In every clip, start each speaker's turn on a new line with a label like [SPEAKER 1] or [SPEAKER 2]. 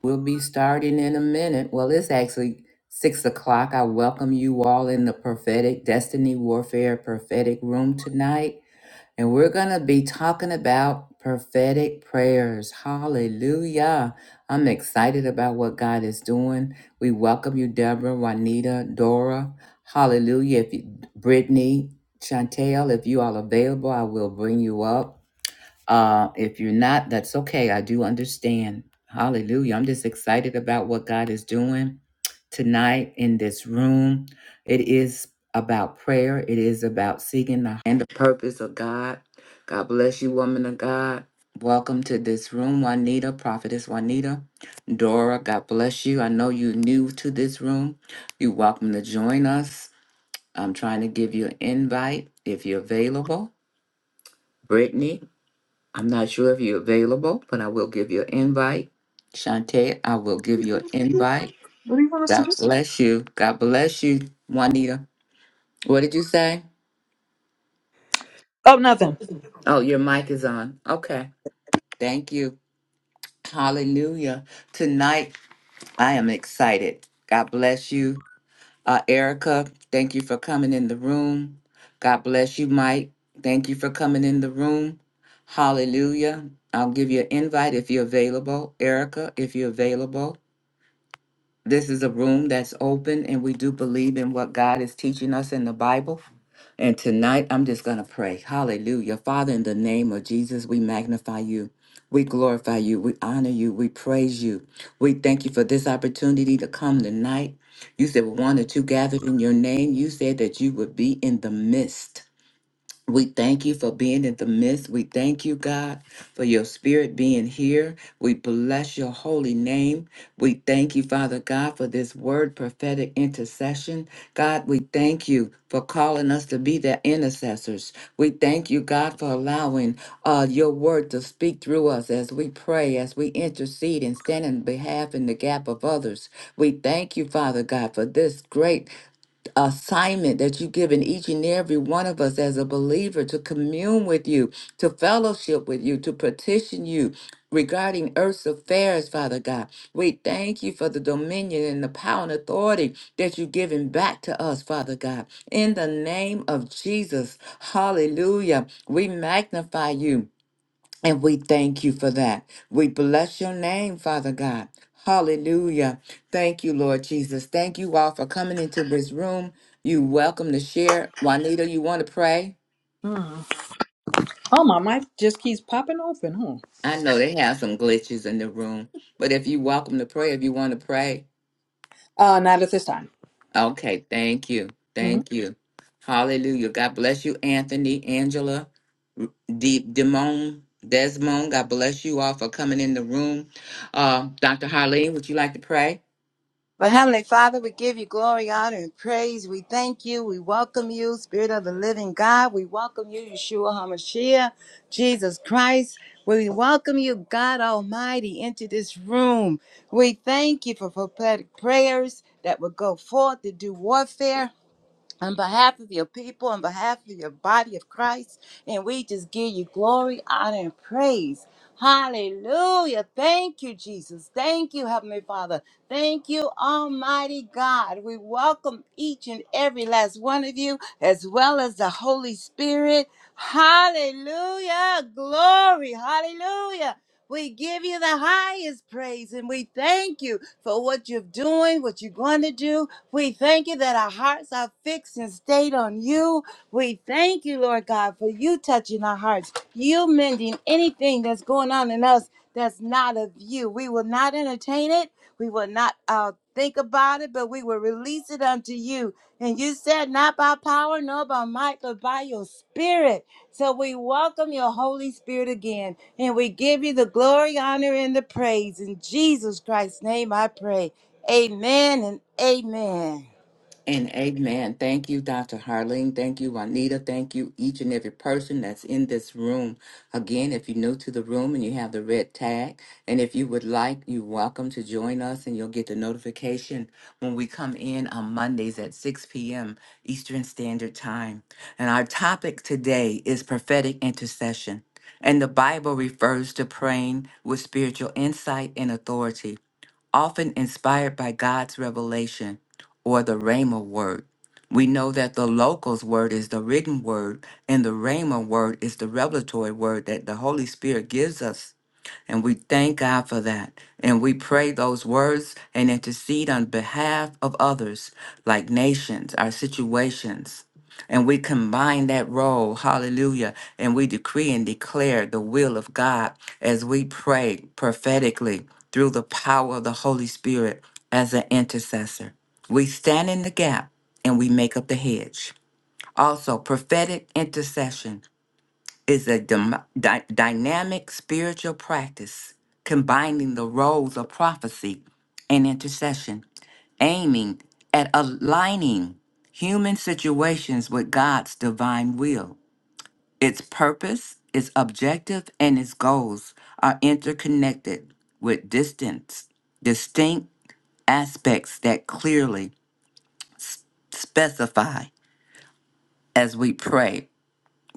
[SPEAKER 1] We'll be starting in a minute. Well, it's actually six o'clock. I welcome you all in the prophetic destiny warfare prophetic room tonight. And we're going to be talking about prophetic prayers. Hallelujah. I'm excited about what God is doing. We welcome you, Deborah, Juanita, Dora. Hallelujah. If you, Brittany, Chantel, if you all available, I will bring you up. Uh, if you're not, that's okay. I do understand. Hallelujah. I'm just excited about what God is doing tonight in this room. It is about prayer, it is about seeking the and the purpose of God. God bless you, woman of God. Welcome to this room, Juanita, Prophetess Juanita. Dora, God bless you. I know you're new to this room. You're welcome to join us. I'm trying to give you an invite if you're available. Brittany, I'm not sure if you're available, but I will give you an invite. Shantae, I will give you an invite.
[SPEAKER 2] What do you want us to
[SPEAKER 1] God
[SPEAKER 2] do?
[SPEAKER 1] bless you. God bless you, Juanita. What did you say?
[SPEAKER 2] Oh, nothing.
[SPEAKER 1] Oh, your mic is on. Okay. Thank you. Hallelujah. Tonight, I am excited. God bless you, uh, Erica. Thank you for coming in the room. God bless you, Mike. Thank you for coming in the room. Hallelujah. I'll give you an invite if you're available. Erica, if you're available. This is a room that's open, and we do believe in what God is teaching us in the Bible. And tonight, I'm just going to pray. Hallelujah. Father, in the name of Jesus, we magnify you. We glorify you. We honor you. We praise you. We thank you for this opportunity to come tonight. You said, one or two gathered in your name. You said that you would be in the midst. We thank you for being in the midst. We thank you, God, for your spirit being here. We bless your holy name. We thank you, Father God, for this word prophetic intercession. God, we thank you for calling us to be their intercessors. We thank you, God, for allowing uh, your word to speak through us as we pray, as we intercede and stand in behalf in the gap of others. We thank you, Father God, for this great assignment that you've given each and every one of us as a believer to commune with you, to fellowship with you, to petition you regarding earth's affairs, Father God. We thank you for the dominion and the power and authority that you've given back to us, Father God. In the name of Jesus, hallelujah. We magnify you. And we thank you for that. We bless your name, Father God. Hallelujah. Thank you, Lord Jesus. Thank you all for coming into this room. You welcome to share. Juanita, you want to pray?
[SPEAKER 2] Hmm. Oh, my mic just keeps popping open, huh?
[SPEAKER 1] I know they have some glitches in the room, but if you welcome to pray, if you want to pray,
[SPEAKER 2] Uh, not at this time.
[SPEAKER 1] okay, thank you. Thank you. Hallelujah. God bless you, Anthony, Angela, Deep Demone, Desmond. God bless you all for coming in the room. Uh, Dr. Harleen, would you like to pray?
[SPEAKER 3] But Heavenly Father, we give you glory, honor, and praise. We thank you. We welcome you, Spirit of the Living God. We welcome you, Yeshua HaMashiach, Jesus Christ. We welcome you, God Almighty, into this room. We thank you for prophetic prayers that will go forth to do warfare on behalf of your people, on behalf of your body of Christ. And we just give you glory, honor, and praise. Hallelujah. Thank you, Jesus. Thank you, Heavenly Father. Thank you, Almighty God. We welcome each and every last one of you, as well as the Holy Spirit. Hallelujah. Glory. Hallelujah. We give you the highest praise and we thank you for what you're doing, what you're going to do, we thank you that our hearts are fixed and stayed on you. We thank you, Lord God, for you touching our hearts, you mending anything that's going on in us that's not of you. We will not entertain it. We will not uh, think about it, but we will release it unto you. And you said, not by power, nor by might, but by your spirit. So we welcome your Holy Spirit again, and we give you the glory, honor, and the praise. In Jesus Christ's name I pray. Amen and amen.
[SPEAKER 1] And amen. Thank you, Dr. Harleen. Thank you, Juanita. Thank you, each and every person that's in this room. Again, if you're new to the room and you have the red tag, and if you would like, you're welcome to join us and you'll get the notification when we come in on Mondays at 6 p.m. Eastern Standard Time. And our topic today is prophetic intercession. And the Bible refers to praying with spiritual insight and authority often inspired by God's revelation or the Rhema word. We know that the locals word is the written word, and the Rhema word is the revelatory word that the Holy Spirit gives us. And we thank God for that. And we pray those words and intercede on behalf of others, like nations, our situations and we combine that role, hallelujah, and we decree and declare the will of God as we pray prophetically through the power of the Holy Spirit as an intercessor. We stand in the gap and we make up the hedge. Also, prophetic intercession is a dy- dy- dynamic spiritual practice combining the roles of prophecy and intercession aiming at aligning human situations with God's divine will. Its purpose, its objective, and its goals are interconnected with distant, distinct aspects that clearly s- specify as we pray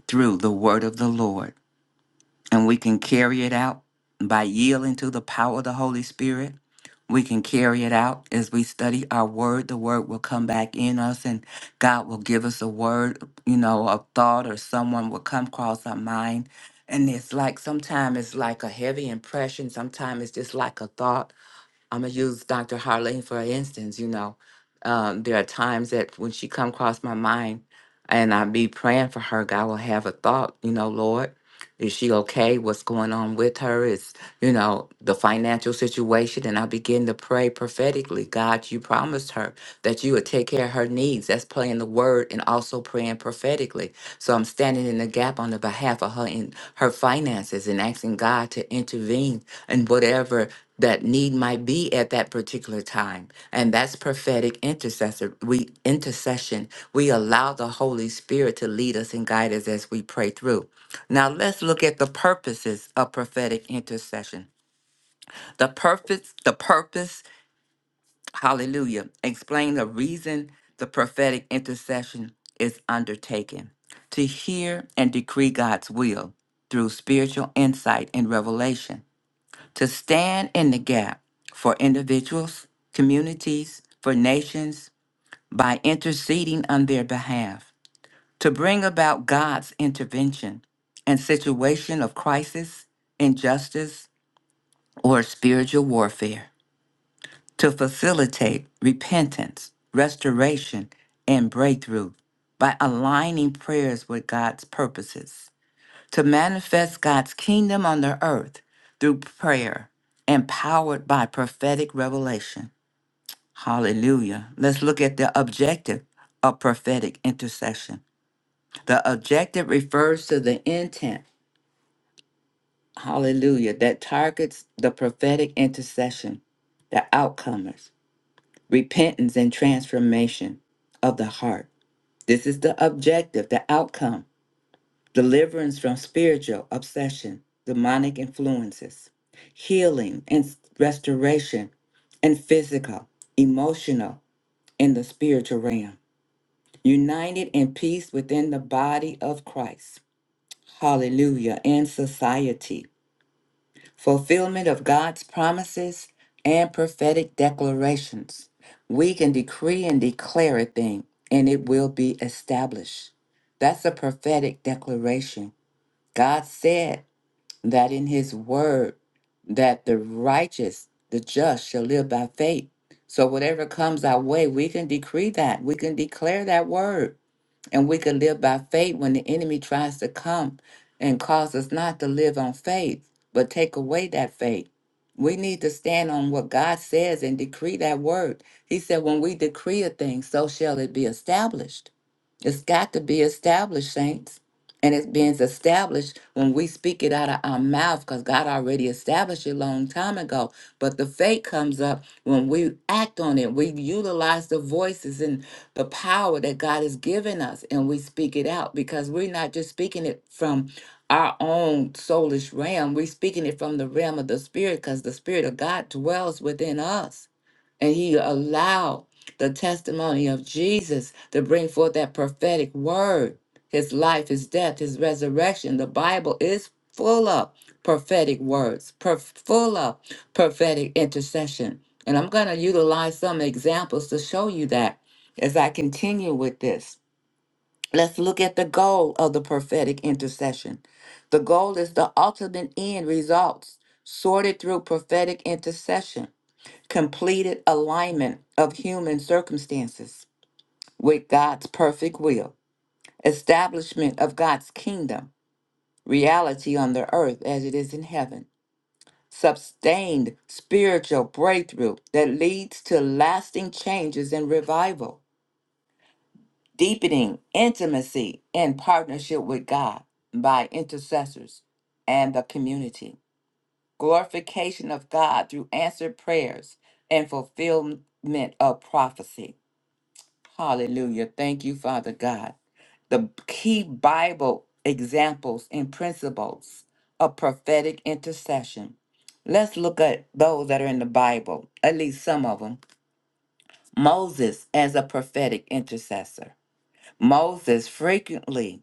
[SPEAKER 1] through the word of the Lord. and we can carry it out by yielding to the power of the Holy Spirit. We can carry it out as we study our word. The word will come back in us, and God will give us a word, you know, a thought, or someone will come across our mind. And it's like sometimes it's like a heavy impression, sometimes it's just like a thought. I'm gonna use Dr. Harlene for instance. You know, um, there are times that when she come across my mind, and I be praying for her, God will have a thought, you know, Lord. Is she okay? What's going on with her? Is, you know, the financial situation. And I begin to pray prophetically God, you promised her that you would take care of her needs. That's playing the word and also praying prophetically. So I'm standing in the gap on the behalf of her in her finances and asking God to intervene in whatever that need might be at that particular time. And that's prophetic intercessor. We intercession. We allow the Holy Spirit to lead us and guide us as we pray through. Now let's look at the purposes of prophetic intercession. The purpose, the purpose, hallelujah, explain the reason the prophetic intercession is undertaken to hear and decree God's will through spiritual insight and revelation, to stand in the gap for individuals, communities, for nations by interceding on their behalf to bring about God's intervention in situation of crisis, injustice, or spiritual warfare, to facilitate repentance, restoration, and breakthrough by aligning prayers with God's purposes, to manifest God's kingdom on the earth through prayer, empowered by prophetic revelation. Hallelujah. Let's look at the objective of prophetic intercession the objective refers to the intent, hallelujah, that targets the prophetic intercession, the outcomers, repentance and transformation of the heart. This is the objective, the outcome, deliverance from spiritual obsession, demonic influences, healing and restoration, and physical, emotional, and the spiritual realm, united in peace within the body of Christ. hallelujah, In society, fulfillment of God's promises and prophetic declarations. We can decree and declare a thing, and it will be established. That's a prophetic declaration. God said that in his word that the righteous, the just shall live by faith. So whatever comes our way, we can decree that. We can declare that word and we can live by faith when the enemy tries to come and cause us not to live on faith, but take away that faith. We need to stand on what God says and decree that word. He said, When we decree a thing, so shall it be established. It's got to be established, saints. And it's being established when we speak it out of our mouth because God already established it a long time ago. But the faith comes up when we act on it. We utilize the voices and the power that God has given us and we speak it out because we're not just speaking it from our own soulish realm. We're speaking it from the realm of the spirit because the spirit of God dwells within us and he allowed the testimony of Jesus to bring forth that prophetic word his life, his death, his resurrection. The Bible is full of prophetic words, per- full of prophetic intercession. And I'm going to utilize some examples to show you that as I continue with this. Let's look at the goal of the prophetic intercession. The goal is the ultimate end results sorted through prophetic intercession completed alignment of human circumstances with God's perfect will, establishment of God's kingdom, reality on the earth as it is in heaven, sustained spiritual breakthrough that leads to lasting changes and revival, deepening intimacy and partnership with God by intercessors and the community, glorification of God through answered prayers and fulfillment of prophecy Hallelujah. Thank you, Father God. The key Bible examples and principles of prophetic intercession. Let's look at those that are in the Bible, at least some of them. Moses as a prophetic intercessor. Moses frequently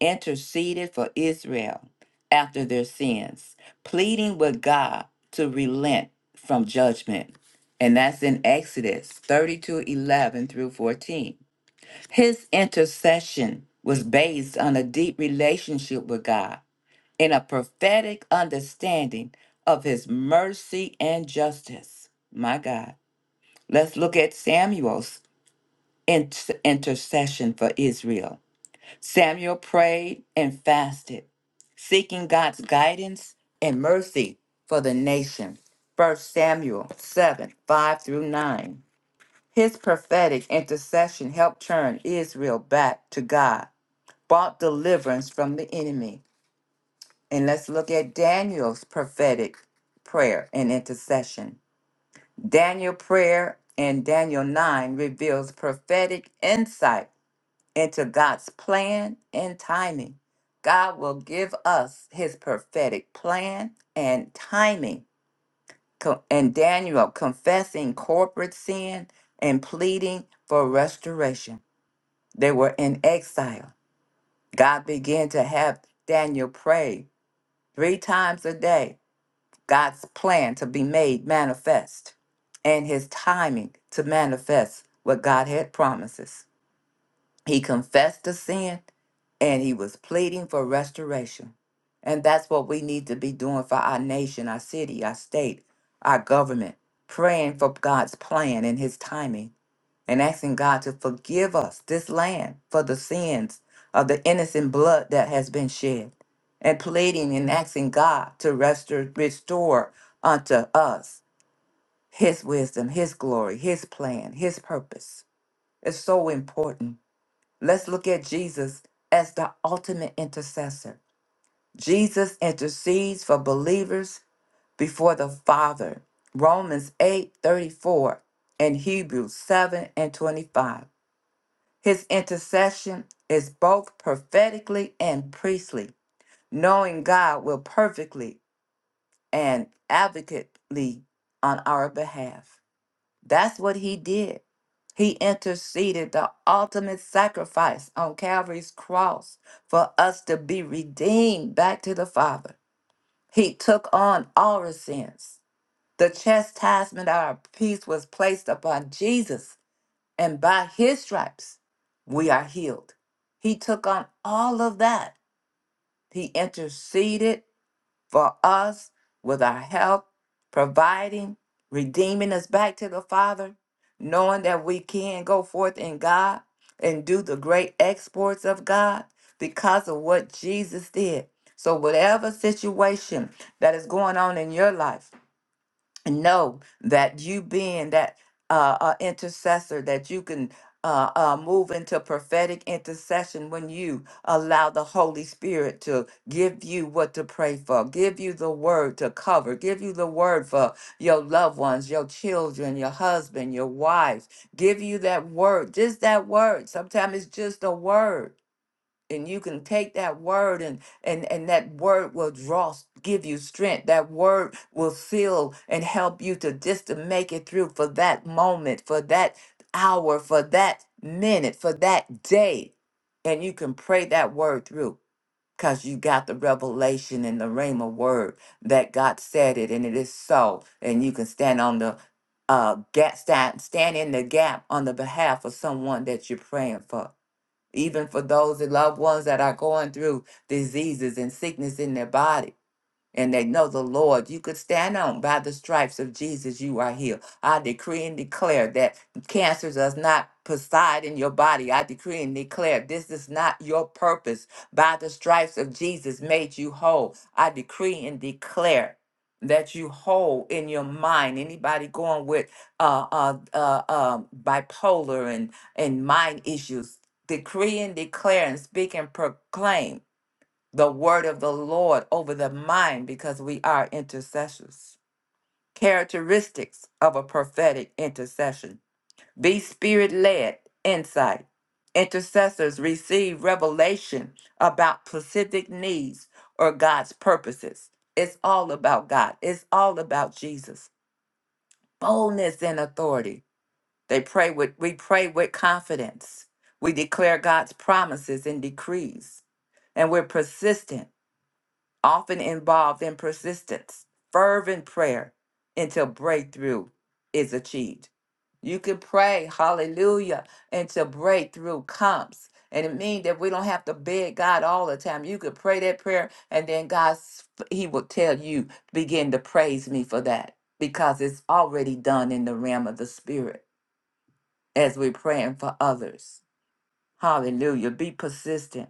[SPEAKER 1] interceded for Israel after their sins, pleading with God to relent from judgment. And that's in Exodus 32, 11 through 14. His intercession was based on a deep relationship with God and a prophetic understanding of his mercy and justice. My God. Let's look at Samuel's inter- intercession for Israel. Samuel prayed and fasted, seeking God's guidance and mercy for the nation. 1 Samuel 7 5 through 9. His prophetic intercession helped turn Israel back to God brought deliverance from the enemy. And let's look at Daniel's prophetic prayer and intercession. Daniel prayer in Daniel 9 reveals prophetic insight into God's plan and timing. God will give us his prophetic plan and timing. Co- And Daniel confessing corporate sin and pleading for restoration. They were in exile. God began to have Daniel pray three times a day, God's plan to be made manifest and his timing to manifest what God had promises. He confessed the sin and he was pleading for restoration. And that's what we need to be doing for our nation, our city, our state, our government, praying for God's plan and his timing and asking God to forgive us, this land, for the sins of the innocent blood that has been shed, and pleading and asking God to restore, restore unto us His wisdom, His glory, His plan, His purpose. It's so important. Let's look at Jesus as the ultimate intercessor. Jesus intercedes for believers before the Father. Romans 8 34 and Hebrews 7 and 25. His intercession is both prophetically and priestly. Knowing God will perfectly and advocately on our behalf. That's what he did. He interceded the ultimate sacrifice on Calvary's cross for us to be redeemed back to the Father. He took on our sins. The chastisement of our peace was placed upon Jesus and by his stripes, we are healed. He took on all of that. He interceded for us with our help, providing, redeeming us back to the Father, knowing that we can go forth in God and do the great exports of God because of what Jesus did. So, whatever situation that is going on in your life, know that you being that uh, uh intercessor that you can uh, uh, move into prophetic intercession when you allow the Holy Spirit to give you what to pray for, give you the word to cover, give you the word for your loved ones, your children, your husband, your wife, give you that word, just that word. Sometimes it's just a word and you can take that word and and and that word will draw s- give you strength that word will seal and help you to just to make it through for that moment for that hour for that minute for that day and you can pray that word through because you got the revelation and the rhema word that god said it and it is so and you can stand on the uh gap stand, stand in the gap on the behalf of someone that you're praying for even for those that loved ones that are going through diseases and sickness in their body and they know the Lord. You could stand on by the stripes of Jesus, you are healed. I decree and declare that cancer does not preside in your body. I decree and declare this is not your purpose. By the stripes of Jesus made you whole. I decree and declare that you whole in your mind anybody going with uh uh uh um bipolar and and mind issues decree and declare and speak and proclaim the word of the Lord over the mind because we are intercessors. Characteristics of a prophetic intercession be spirit led insight. Intercessors receive revelation about specific needs or God's purposes. It's all about God, it's all about Jesus. Boldness and authority. They pray with we pray with confidence. We declare God's promises and decrees and we're persistent often involved in persistence, fervent prayer until breakthrough is achieved. You can pray, hallelujah, until breakthrough comes. And it means that we don't have to beg God all the time. You could pray that prayer, and then God, s- He will tell you, begin to praise me for that because it's already done in the realm of the Spirit as we're praying for others. Hallelujah. Be persistent.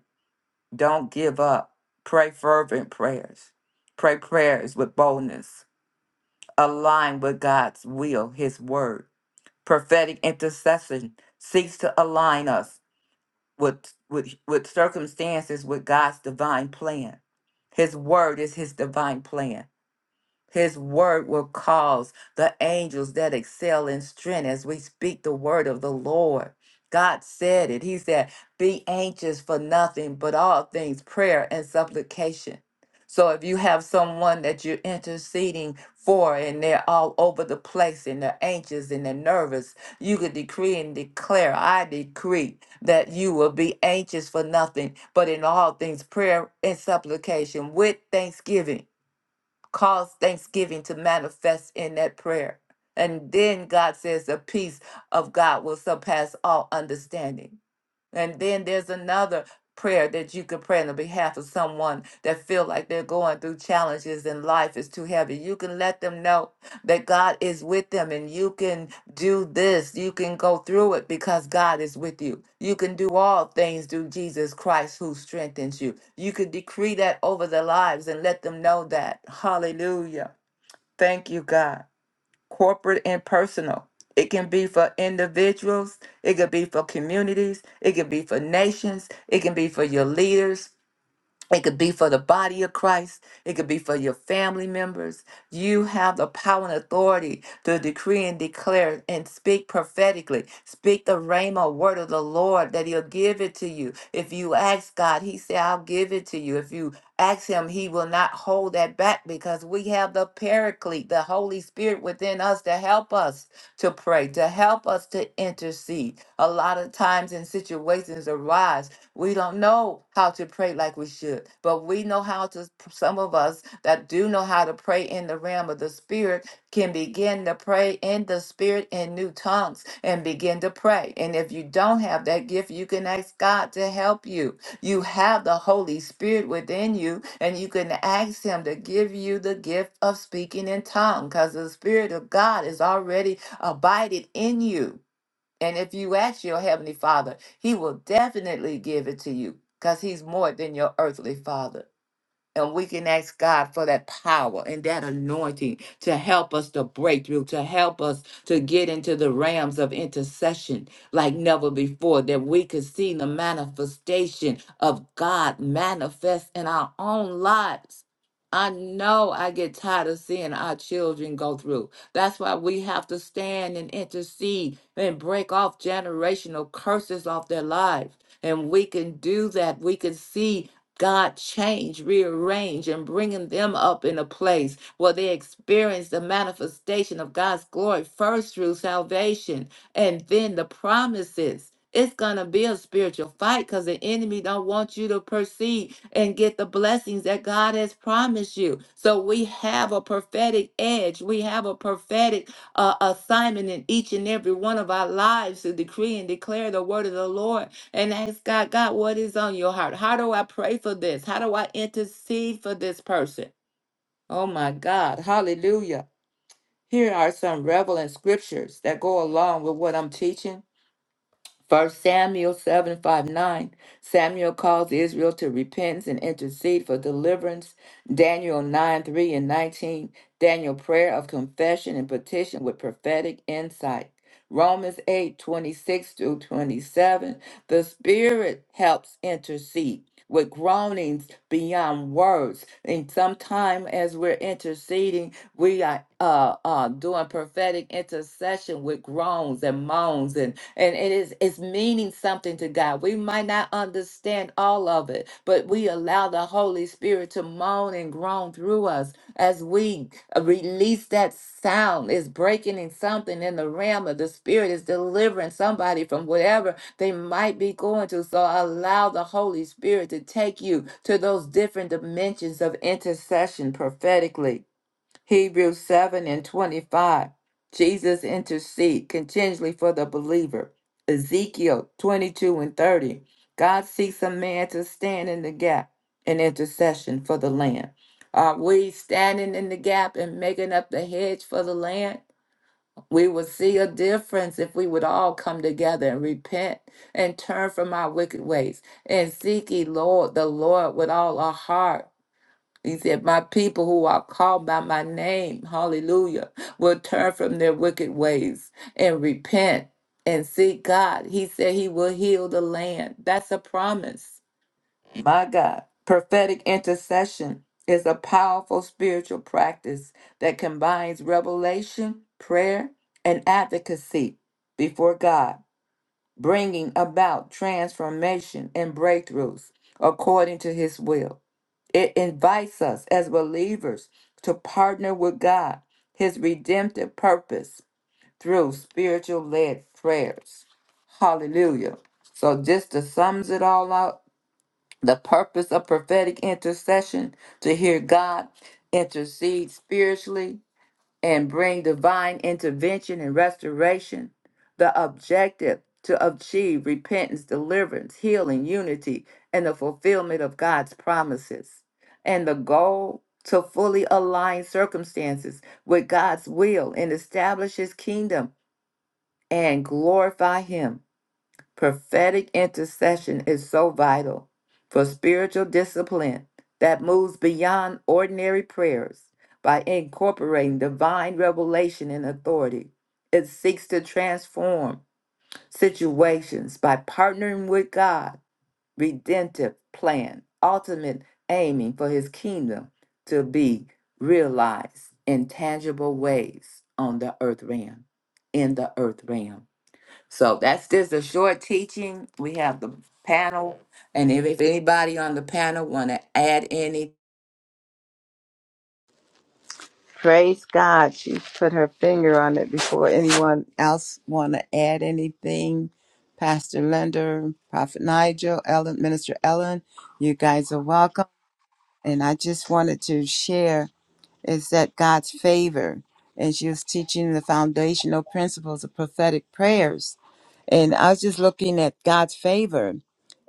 [SPEAKER 1] Don't give up. Pray fervent prayers. Pray prayers with boldness. Align with God's will, His word. Prophetic intercession seeks to align us with, with, with circumstances with God's divine plan. His word is His divine plan. His word will cause the angels that excel in strength as we speak the word of the Lord. God said it. He said, Be anxious for nothing, but all things prayer and supplication. So if you have someone that you're interceding for and they're all over the place and they're anxious and they're nervous, you could decree and declare, I decree that you will be anxious for nothing, but in all things prayer and supplication with thanksgiving cause thanksgiving to manifest in that prayer. And then God says, the peace of God will surpass all understanding. And then there's another prayer that you could pray on the behalf of someone that feel like they're going through challenges and life is too heavy. You can let them know that God is with them and you can do this. You can go through it because God is with you. You can do all things through Jesus Christ who strengthens you. You could decree that over their lives and let them know that. Hallelujah. Thank you, God corporate and personal. It can be for individuals, it could be for communities, it can be for nations, it can be for your leaders, it could be for the body of Christ. It could be for your family members. You have the power and authority to decree and declare and speak prophetically. Speak the rhema word of the Lord that He'll give it to you. If you ask God, He said, I'll give it to you. If you ask Him, He will not hold that back because we have the paraclete, the Holy Spirit within us to help us to pray, to help us to intercede. A lot of times in situations arise we don't know how to pray like we should, but we know how to, some of us that do know how to pray in the realm of the spirit can begin to pray in the spirit in new tongues and begin to pray. And if you don't have that gift, you can ask God to help you. You have the Holy Spirit within you, and you can ask Him to give you the gift of speaking in tongues because the Spirit of God is already abided in you. And if you ask your Heavenly Father, He will definitely give it to you because He's more than your earthly father. And we can ask God for that power and that anointing to help us to break through, to help us to get into the realms of intercession like never before, that we could see the manifestation of God manifest in our own lives. I know I get tired of seeing our children go through. That's why we have to stand and intercede and break off generational curses off their lives. And we can do that. We can see God change, rearrange, and bringing them up in a place where they experience the manifestation of God's glory first through salvation and then the promises. It's gonna be a spiritual fight because the enemy don't want you to proceed and get the blessings that God has promised you. So we have a prophetic edge. We have a prophetic uh, assignment in each and every one of our lives to decree and declare the word of the Lord and ask God, God, what is on your heart? How do I pray for this? How do I intercede for this person? Oh my God. Hallelujah. Here are some relevant scriptures that go along with what I'm teaching. First Samuel 7 5 9. Samuel calls Israel to repentance and intercede for deliverance. Daniel 9 3 and 19. Daniel prayer of confession and petition with prophetic insight. Romans 8 26 through 27. The Spirit helps intercede with groanings beyond words. And sometime as we're interceding, we are uh, uh, doing prophetic intercession with groans and moans, and and it is it's meaning something to God. We might not understand all of it, but we allow the Holy Spirit to moan and groan through us as we release that sound. It's breaking in something in the realm of the Spirit. Is delivering somebody from whatever they might be going to. So allow the Holy Spirit to take you to those different dimensions of intercession prophetically. Hebrews 7 and 25, Jesus intercede continually for the believer. Ezekiel 22 and 30, God seeks a man to stand in the gap in intercession for the land. Are we standing in the gap and making up the hedge for the land? We would see a difference if we would all come together and repent and turn from our wicked ways and seek ye Lord the Lord with all our heart he said, My people who are called by my name, hallelujah, will turn from their wicked ways and repent and seek God. He said he will heal the land. That's a promise. My God. Prophetic intercession is a powerful spiritual practice that combines revelation, prayer, and advocacy before God bringing about transformation and breakthroughs according to his will. It invites us as believers to partner with God, his redemptive purpose through spiritual led prayers. Hallelujah. So just to sums it all up, the purpose of prophetic intercession to hear God intercede spiritually and bring divine intervention and restoration. The objective to achieve repentance, deliverance, healing, unity, and the fulfillment of God's promises. And the goal to fully align circumstances with God's will and establish his kingdom and glorify him. Prophetic intercession is so vital for spiritual discipline that moves beyond ordinary prayers by incorporating divine revelation and authority. It seeks to transform situations by partnering with God, redemptive plan, ultimate aiming for his kingdom to be realized in tangible ways on the earth realm, in the earth realm. So that's just a short teaching. We have the panel, and if, if anybody on the panel want to add any,
[SPEAKER 3] Praise God. She put her finger on it before anyone else want to add anything. Pastor Lender, Prophet Nigel, Ellen, Minister Ellen, you guys are welcome. And I just wanted to share is that God's favor. And she was teaching the foundational principles of prophetic prayers. And I was just looking at God's favor.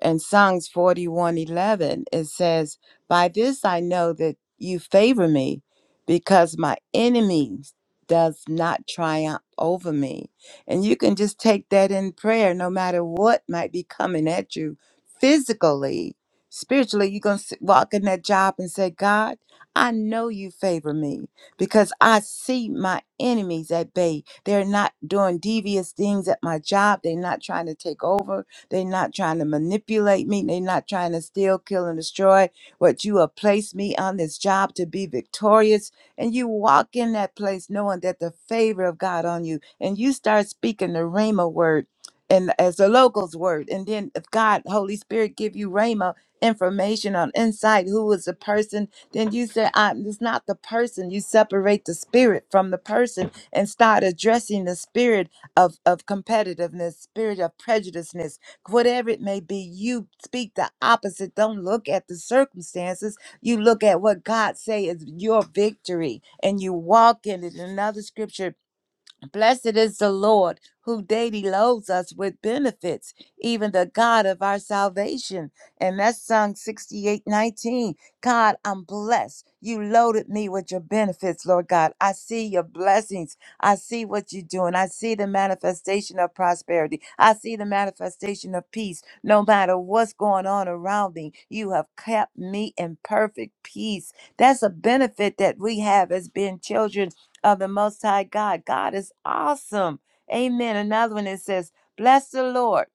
[SPEAKER 3] And Psalms 41:11 it says, "By this I know that you favor me, because my enemies does not triumph over me." And you can just take that in prayer no matter what might be coming at you physically. Spiritually, you're going to walk in that job and say, "God, I know you favor me because I see my enemies at bay. They're not doing devious things at my job. They're not trying to take over. They're not trying to manipulate me. They're not trying to steal, kill, and destroy what you have placed me on this job to be victorious. And you walk in that place knowing that the favor of God on you, and you start speaking the Rhema word. And as the locals word, and then if God, Holy Spirit, give you Rhema information on insight, who is the person then you said, I, am it's not the person. You separate the spirit from the person and start addressing the spirit of, of competitiveness, spirit of prejudiceness, whatever it may be. You speak the opposite. Don't look at the circumstances. You look at what God say is your victory and you walk in it. Another scripture Blessed is the Lord who daily loads us with benefits, even the God of our salvation. And that's Psalm 68, 19. God, I'm blessed. You loaded me with your benefits, Lord God. I see your blessings. I see what you're doing. I see the manifestation of prosperity. I see the manifestation of peace. No matter what's going on around me, you have kept me in perfect peace. That's a benefit that we have as being children of the Most High God. God is awesome. Amen. Another one that says, Bless the Lord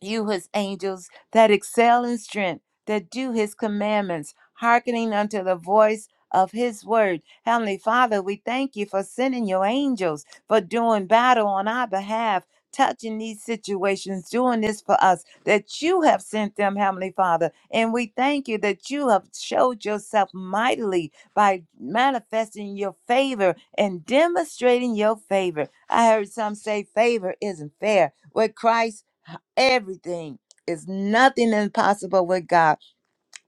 [SPEAKER 3] you his angels that excel in strength, that do his commandments, hearkening unto the voice of his word. Heavenly Father, we thank you for sending your angels for doing battle on our behalf. Touching these situations, doing this for us, that you have sent them, Heavenly Father. And we thank you that you have showed yourself mightily by manifesting your favor and demonstrating your favor. I heard some say favor isn't fair. With Christ, everything is nothing impossible with God.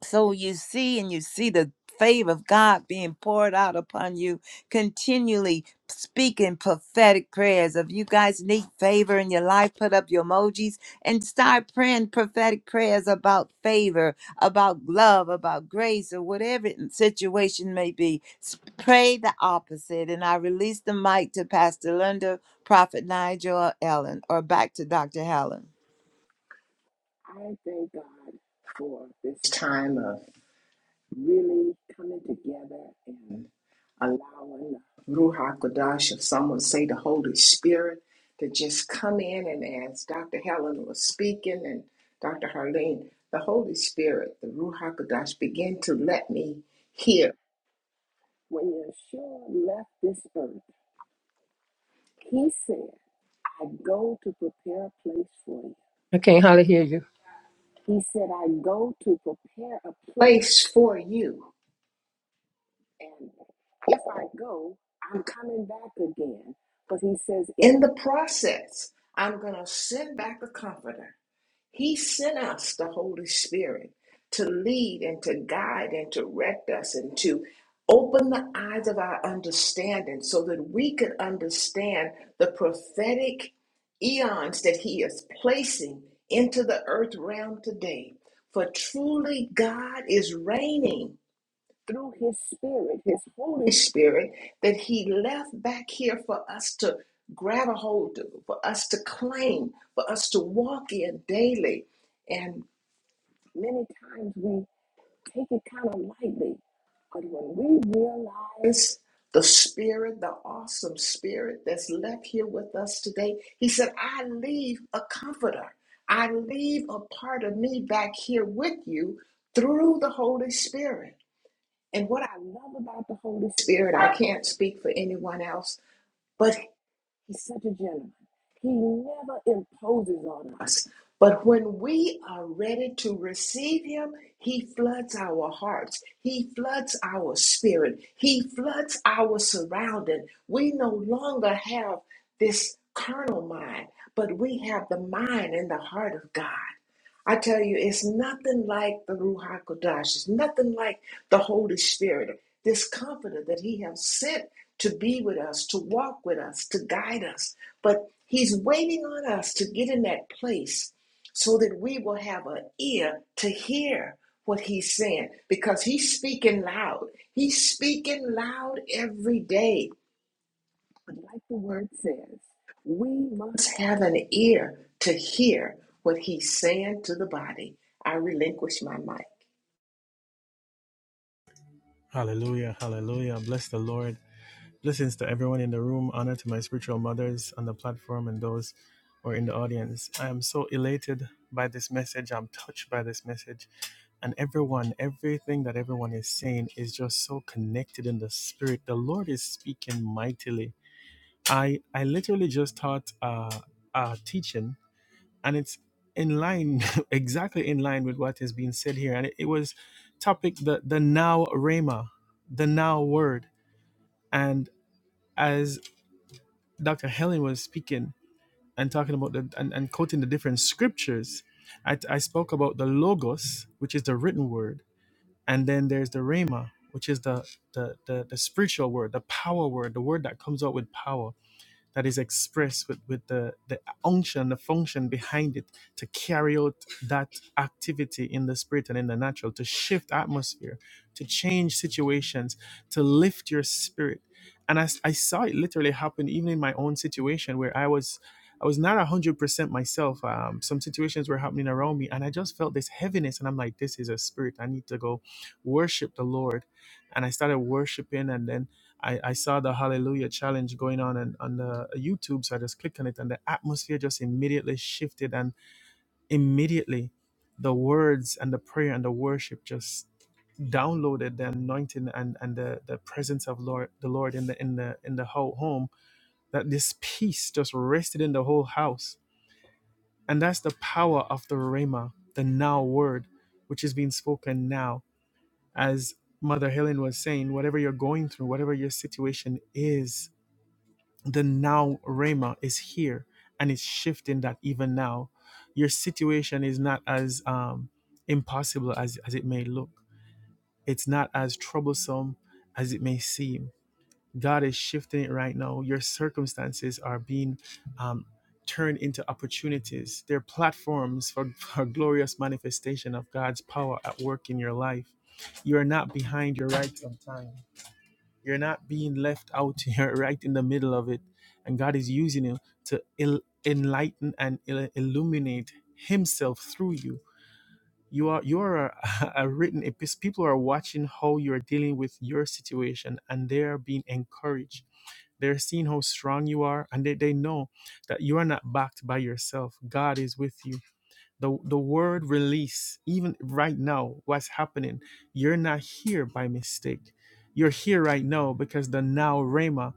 [SPEAKER 3] So you see and you see the favor of God being poured out upon you continually speaking prophetic prayers. If you guys need favor in your life, put up your emojis and start praying prophetic prayers about favor, about love, about grace, or whatever situation may be. S- Pray the opposite. And I release the mic to Pastor Linda, Prophet Nigel, or Ellen, or back to Dr. Helen.
[SPEAKER 4] I thank God for this time of really coming together and allowing the Ruha Kodash, if some would say the Holy Spirit, to just come in. And as Dr. Helen was speaking and Dr. Harlene, the Holy Spirit, the Ruha Kodash, began to let me hear. When Yeshua left this earth, he said, I go to prepare a place for you.
[SPEAKER 5] I can't hardly hear you.
[SPEAKER 4] He said, I go to prepare a place for you And if I go, I'm coming back again. But he says, in the process, I'm going to send back the comforter. He sent us the Holy Spirit to lead and to guide and to direct us and to open the eyes of our understanding so that we could understand the prophetic eons that He is placing into the earth realm today. For truly, God is reigning through his spirit, his Holy Spirit, that he left back here for us to grab a hold of, for us to claim, for us to walk in daily. And many times we take it kind of lightly. But when we realize the spirit, the awesome spirit that's left here with us today, he said, I leave a comforter. I leave a part of me back here with you through the Holy Spirit. And what I love about the Holy Spirit, I can't speak for anyone else, but he's such a gentleman. He never imposes on us. But when we are ready to receive him, he floods our hearts. He floods our spirit. He floods our surrounding. We no longer have this carnal mind, but we have the mind and the heart of God. I tell you, it's nothing like the Ruach HaKodesh. It's nothing like the Holy Spirit, this comforter that He has sent to be with us, to walk with us, to guide us. But He's waiting on us to get in that place so that we will have an ear to hear what He's saying because He's speaking loud. He's speaking loud every day. But like the word says, we must have an ear to hear what he's saying to the body. I relinquish my mic.
[SPEAKER 6] Hallelujah, hallelujah. Bless the Lord. Blessings to everyone in the room. Honor to my spiritual mothers on the platform and those who are in the audience. I am so elated by this message. I'm touched by this message. And everyone, everything that everyone is saying is just so connected in the spirit. The Lord is speaking mightily. I, I literally just taught uh, a teaching and it's in line exactly in line with what is being said here and it, it was topic the the now rhema the now word and as dr helen was speaking and talking about the and, and quoting the different scriptures I, I spoke about the logos which is the written word and then there's the rhema which is the the the, the spiritual word the power word the word that comes out with power that is expressed with, with the, the unction, the function behind it to carry out that activity in the spirit and in the natural, to shift atmosphere, to change situations, to lift your spirit. And I, s- I saw it literally happen even in my own situation where I was I was not 100% myself. Um, some situations were happening around me and I just felt this heaviness and I'm like, this is a spirit. I need to go worship the Lord. And I started worshiping and then I, I saw the Hallelujah Challenge going on and, on the YouTube, so I just clicked on it, and the atmosphere just immediately shifted, and immediately the words and the prayer and the worship just downloaded the anointing and, and the, the presence of Lord the Lord in the in the in the whole home. That this peace just rested in the whole house, and that's the power of the Rhema, the now word, which is being spoken now, as Mother Helen was saying, whatever you're going through, whatever your situation is the now Rhema is here and it's shifting that even now. Your situation is not as um, impossible as, as it may look, it's not as troublesome as it may seem. God is shifting it right now. Your circumstances are being um, turned into opportunities. They're platforms for, for glorious manifestation of God's power at work in your life. You are not behind your right on time. You're not being left out You're right in the middle of it. And God is using you to il- enlighten and il- illuminate Himself through you. You are you are a, a written epistle. People are watching how you are dealing with your situation, and they are being encouraged. They're seeing how strong you are, and they, they know that you are not backed by yourself. God is with you the the word release even right now what's happening you're not here by mistake you're here right now because the now rama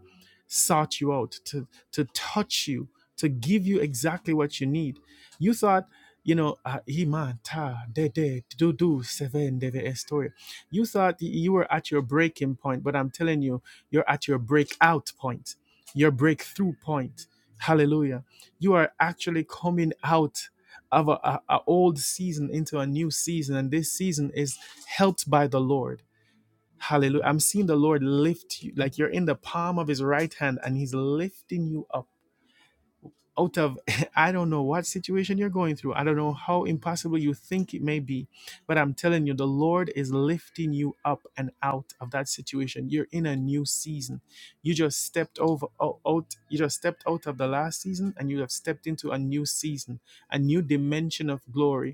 [SPEAKER 6] sought you out to to touch you to give you exactly what you need you thought you know uh, iman ta de de do do seven de de story you thought you were at your breaking point but i'm telling you you're at your breakout point your breakthrough point hallelujah you are actually coming out of a, a, old season into a new season and this season is helped by the lord hallelujah i'm seeing the lord lift you like you're in the palm of his right hand and he's lifting you up out of i don't know what situation you're going through i don't know how impossible you think it may be but i'm telling you the lord is lifting you up and out of that situation you're in a new season you just stepped over o- out you just stepped out of the last season and you have stepped into a new season a new dimension of glory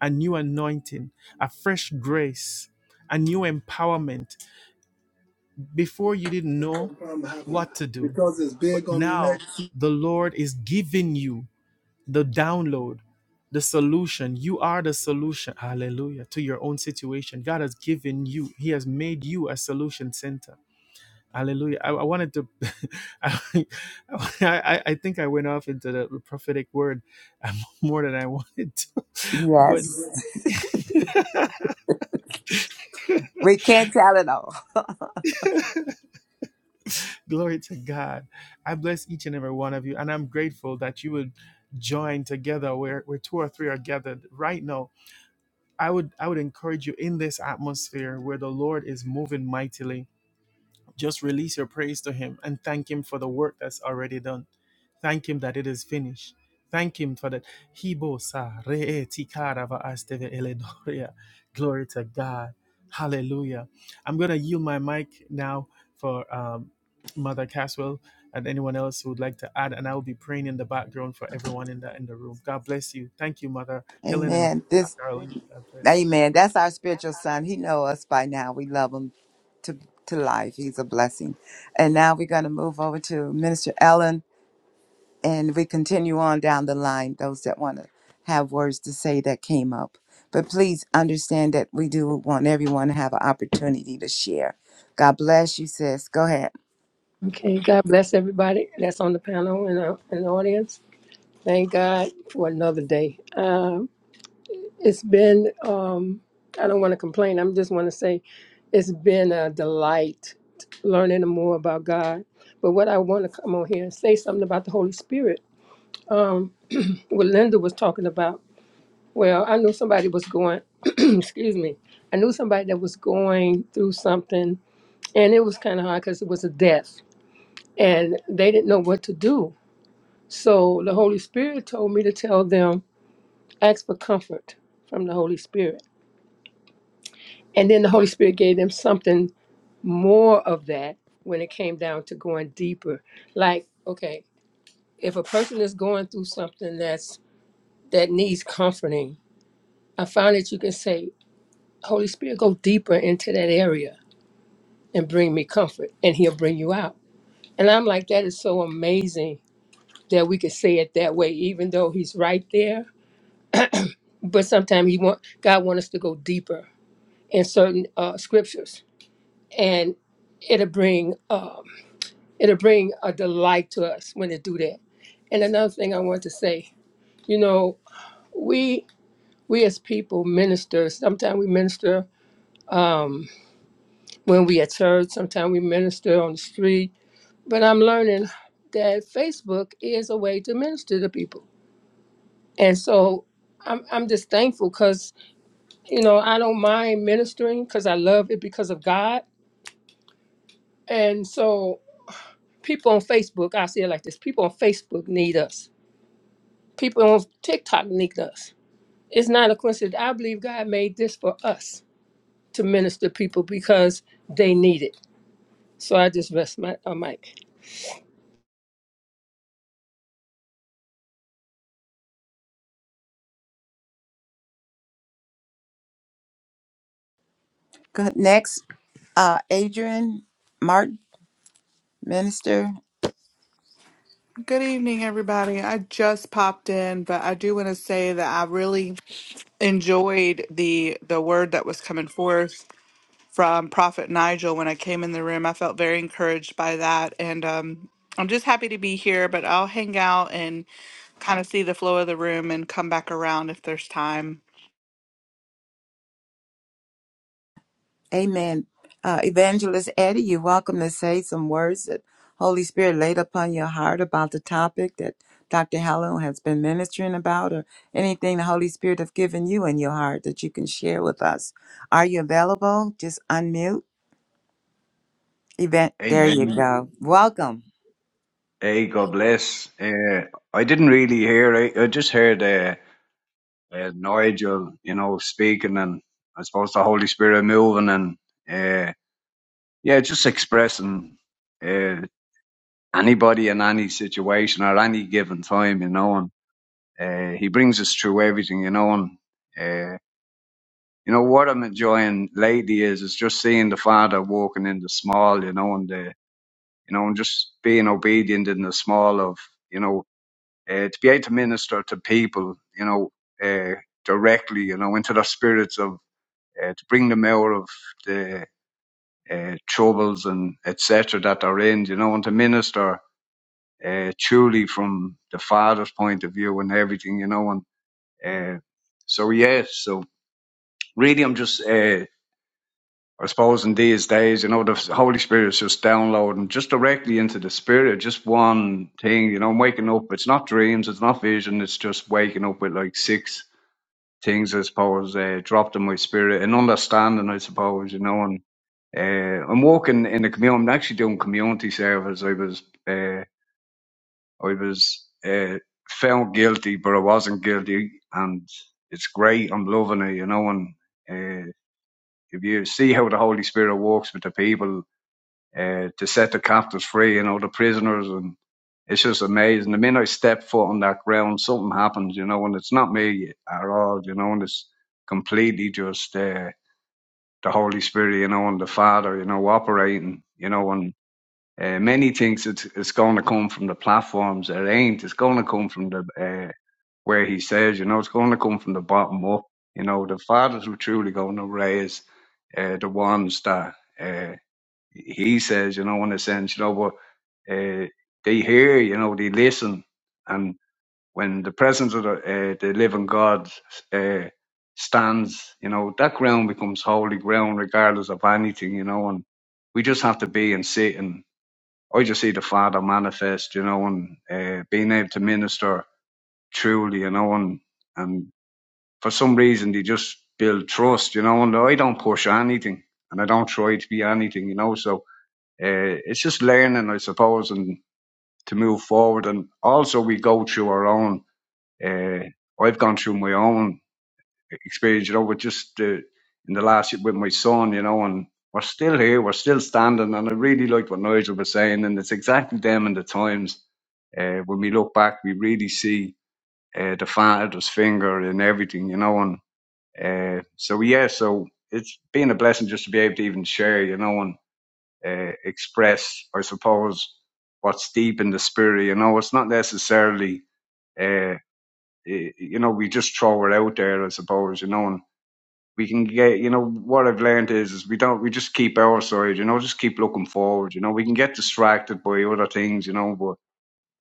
[SPEAKER 6] a new anointing, a fresh grace, a new empowerment. Before you didn't know
[SPEAKER 3] from having
[SPEAKER 6] what to do,
[SPEAKER 3] because it's
[SPEAKER 6] but
[SPEAKER 3] big on the neck.
[SPEAKER 6] now the Lord is giving you the download, the solution. You are the solution. Hallelujah. To your own situation. God has given you, He has made you a solution center. Hallelujah. I, I wanted to, I, I, I think I went off into the prophetic word um, more than I wanted to. but.
[SPEAKER 3] Yes. We can't tell it all.
[SPEAKER 6] Glory to God. I bless each and every one of you, and I'm grateful that you would join together where, where two or three are gathered right now. I would I would encourage you in this atmosphere where the Lord is moving mightily just release your praise to Him and thank Him for the work that's already done. Thank Him that it is finished. Thank Him for that. Hibo sa re e ti karava asteve eledoria. Glory to God. Hallelujah. I'm going to yield my mic now for um, Mother Caswell and anyone else who would like to add, and I will be praying in the background for everyone in the in the room. God bless you. Thank you, Mother Helen and
[SPEAKER 3] Amen. This
[SPEAKER 6] Dr. Arlene. God bless.
[SPEAKER 3] Amen. That's our spiritual son. He know us by now. We love him to to life. He's a blessing. And now we're going to move over to Minister Ellen and we continue on down the line those that want to have words to say that came up. But please understand that we do want everyone to have an opportunity to share. God bless you sis. Go ahead.
[SPEAKER 5] Okay, God bless everybody that's on the panel and, uh, and the audience. Thank God for another day. Um, it's been, um, I don't want to complain. I am just want to say it's been a delight learning more about God. But what I want to come on here and say something about the Holy Spirit, um, what Linda was talking about. Well, I knew somebody was going, excuse me, I knew somebody that was going through something, and it was kind of hard because it was a death and they didn't know what to do. So the Holy Spirit told me to tell them, ask for comfort from the Holy Spirit. And then the Holy Spirit gave them something more of that when it came down to going deeper. Like, okay, if a person is going through something that's that needs comforting, I found that you can say, Holy Spirit, go deeper into that area and bring me comfort, and He'll bring you out. And I'm like, that is so amazing that we could say it that way, even though He's right there but sometimes he want God want us to go deeper in certain uh, scriptures, and it'll bring um, it'll bring a delight to us when they do that. And another thing I want to say, you know, we we as people minister. Sometimes we minister um, when we at church. Sometimes we minister on the street. But I'm learning that Facebook is a way to minister to people, and so. I'm, I'm just thankful because, you know, I don't mind ministering because I love it because of God And so people on Facebook, I say it like this people on Facebook need us. People on TikTok need us. It's not a coincidence. I believe God made this for us to minister to people because they need it. So I just rest my uh, mic.
[SPEAKER 3] Go ahead. Next, uh Adrian Martin. Minister,
[SPEAKER 7] Good evening, everybody. I just popped in, but I do want to say that I really enjoyed the the word that was coming forth from Prophet Nigel when I came in the room. I felt very encouraged by that, and um, I'm just happy to be here. But I'll hang out and kind of see the flow of the room and come back around if there's time.
[SPEAKER 3] amen. Uh, Evangelist Eddie, you're welcome to say some words that Holy Spirit laid upon your heart about the topic that Dr. Helen has been ministering about, or anything the Holy Spirit have given you in your heart that you can share with us. Are you available? Just unmute. Event. There you
[SPEAKER 8] Amen.
[SPEAKER 3] go. Welcome.
[SPEAKER 8] Hey, God bless. Uh, I didn't really hear. I, I just heard uh, uh, Nigel, you know, speaking, and I suppose the Holy Spirit moving, and uh, yeah, just expressing uh, anybody in any situation or any given time, you know, and uh, he brings us through everything, you know, and uh, you know what I'm enjoying lately is is just seeing the Father walking in the small, you know, and the you know, and just being obedient in the small of you know uh, to be able to minister to people, you know, uh, directly, you know, into their spirits of uh, to bring them out of the uh, troubles and etc. that they're in, you know, and to minister uh, truly from the Father's point of view and everything, you know, and uh, so yeah, so really, I'm just. Uh, I suppose in these days, you know, the Holy Spirit is just downloading just directly into the Spirit, just one thing, you know, waking up. It's not dreams, it's not vision, it's just waking up with like six things, I suppose, uh, dropped in my spirit and understanding, I suppose, you know, and uh, I'm working in the community. I'm actually doing community service. I was, uh, I was uh, found guilty, but I wasn't guilty, and it's great. I'm loving it, you know, and uh, if you see how the Holy Spirit works with the people uh, to set the captives free you know, the prisoners. And it's just amazing. The minute I step foot on that ground, something happens, you know, and it's not me at all, you know, and it's completely just uh, the Holy Spirit, you know, and the Father, you know, operating, you know, and uh, many things it's, it's going to come from the platforms. It ain't. It's going to come from the uh, where He says, you know, it's going to come from the bottom up. You know, the fathers were truly going to raise uh, the ones that. Uh, he says, you know, in a sense, you know, but uh, they hear, you know, they listen, and when the presence of the, uh, the living God uh, stands, you know, that ground becomes holy ground, regardless of anything, you know, and we just have to be and sit and I just see the Father manifest, you know, and uh, being able to minister truly, you know, and and for some reason they just build trust, you know, and I don't push anything and I don't try to be anything, you know, so uh, it's just learning, I suppose, and to move forward. And also, we go through our own. Uh, I've gone through my own experience, you know, with just uh, in the last year with my son, you know, and we're still here, we're still standing. And I really like what Nigel was saying, and it's exactly them and the times. Uh, when we look back, we really see uh, the father's finger in everything, you know. And uh, so, yeah, so it's been a blessing just to be able to even share, you know, And uh, express, I suppose, what's deep in the spirit. You know, it's not necessarily, uh, you know, we just throw it out there, I suppose, you know, and we can get, you know, what I've learned is, is we don't, we just keep our side, you know, just keep looking forward, you know, we can get distracted by other things, you know, but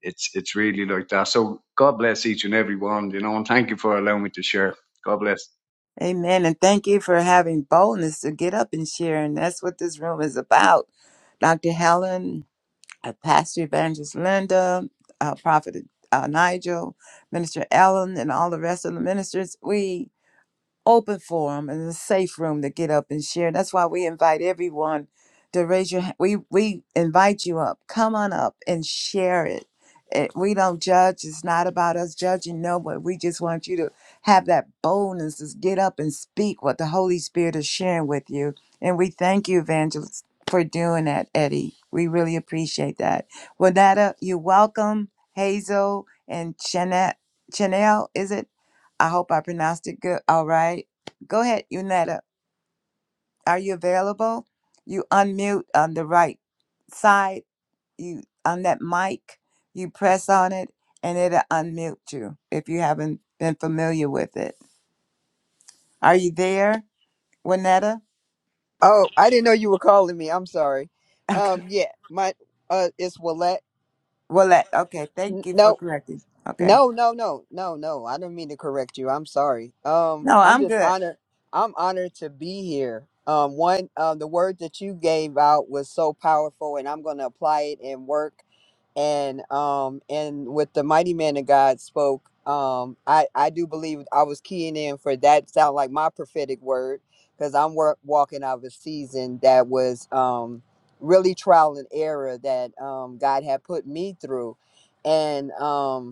[SPEAKER 8] it's, it's really like that. So God bless each and every one, you know, and thank you for allowing me to share. God bless.
[SPEAKER 3] Amen. And thank you for having boldness to get up and share. And that's what this room is about. Dr. Helen. uh, Pastor Evangelist Linda, uh, Prophet uh, Nigel, Minister Ellen, and all the rest of the ministers. We open forum and a safe room to get up and share. That's why we invite everyone to raise your hand. We we invite you up. Come on up and share it. it. We don't judge. It's not about us judging. No, but we just want you to have that boldness to get up and speak what the Holy Spirit is sharing with you. And we thank you, Evangelist, for doing that, Eddie. We really appreciate that. Wanetta, you're welcome. Hazel and Chanel, Chanel, is it? I hope I pronounced it good. All right. Go ahead, Unetta. Are you available? You unmute on the right side. You on that mic, you press on it, and it'll unmute you if you haven't been familiar with it. Are you there, Winetta?
[SPEAKER 9] Oh, I didn't know you were calling me. I'm sorry.
[SPEAKER 3] Okay.
[SPEAKER 9] Um, yeah, my uh, it's Willette.
[SPEAKER 3] Well, that, okay.
[SPEAKER 9] N-
[SPEAKER 3] Thank you for
[SPEAKER 9] No,
[SPEAKER 3] correcting. Okay.
[SPEAKER 9] no, no, no, no, no. I didn't mean to correct you. I'm sorry. Um,
[SPEAKER 3] No,
[SPEAKER 9] I'm
[SPEAKER 3] I'm
[SPEAKER 9] just
[SPEAKER 3] good.
[SPEAKER 9] honored. I'm honored to be here. Um, one, um, the word that you gave out was so powerful, and I'm going to apply it in work and um and with the mighty man of god spoke um i i do believe i was keying in for that sound like my prophetic word because i'm work, walking out of a season that was um really trial and error that um god had put me through and um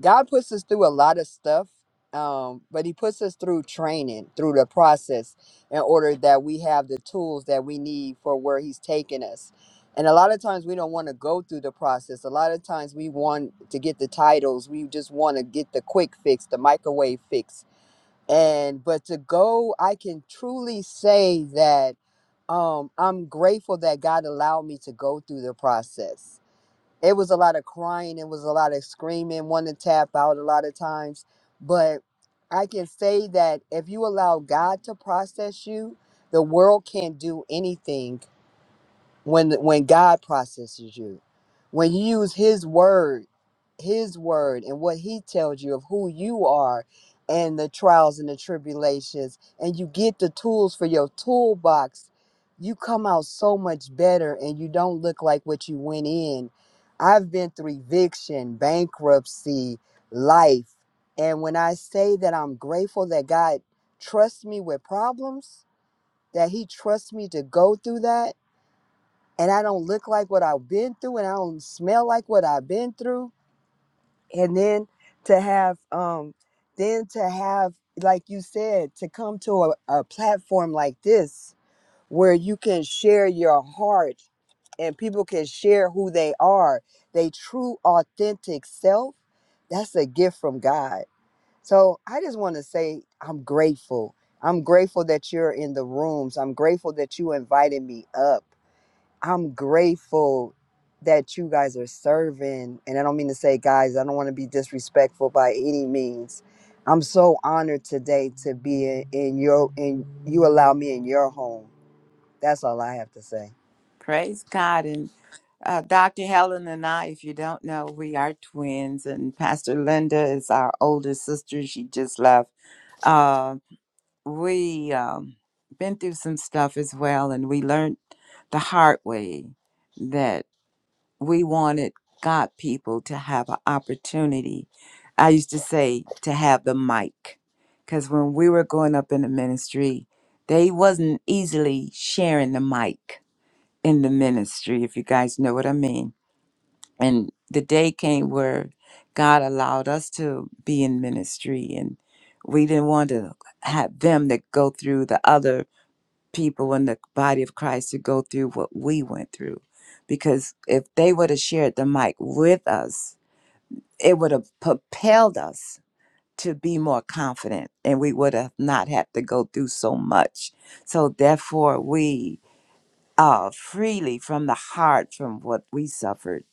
[SPEAKER 9] God puts us through a lot of stuff, um, but He puts us through training, through the process, in order that we have the tools that we need for where He's taking us. And a lot of times we don't want to go through the process. A lot of times we want to get the titles. We just want to get the quick fix, the microwave fix. And but to go, I can truly say that um, I'm grateful that God allowed me to go through the process it was a lot of crying it was a lot of screaming wanting to tap out a lot of times but i can say that if you allow god to process you the world can't do anything when when God processes you, when you use His word, His word, and what He tells you of who you are, and the trials and the tribulations, and you get the tools for your toolbox, you come out so much better, and you don't look like what you went in. I've been through eviction, bankruptcy, life, and when I say that I'm grateful that God trusts me with problems, that He trusts me to go through that and I don't look like what I've been through and I don't smell like what I've been through. And then to have um then to have like you said to come to a, a platform like this where you can share your heart and people can share who they are, they true authentic self, that's a gift from God. So I just want to say I'm grateful. I'm grateful that you're in the rooms. I'm grateful that you invited me up. I'm grateful that you guys are serving. And I don't mean to say guys, I don't want to be disrespectful by any means. I'm so honored today to be in, in your in you allow me in your home. That's all I have to say.
[SPEAKER 3] Praise God. And uh, Dr. Helen and I, if you don't know, we are twins, and Pastor Linda is our older sister. She just left Uh, we um, been through some stuff as well, and we learned the hard way that we wanted God people to have an opportunity. I used to say to have the mic, because when we were going up in the ministry, they wasn't easily sharing the mic in the ministry, if you guys know what I mean and the day came where God allowed us to be in ministry, and we didn't want to have them that go through the other people in the body of Christ to go through what we went through, because if they would have shared the mic with us, it would have propelled us to be more confident, and we would have not had to go through so much. So therefore, we uh, freely from the heart from what we suffered,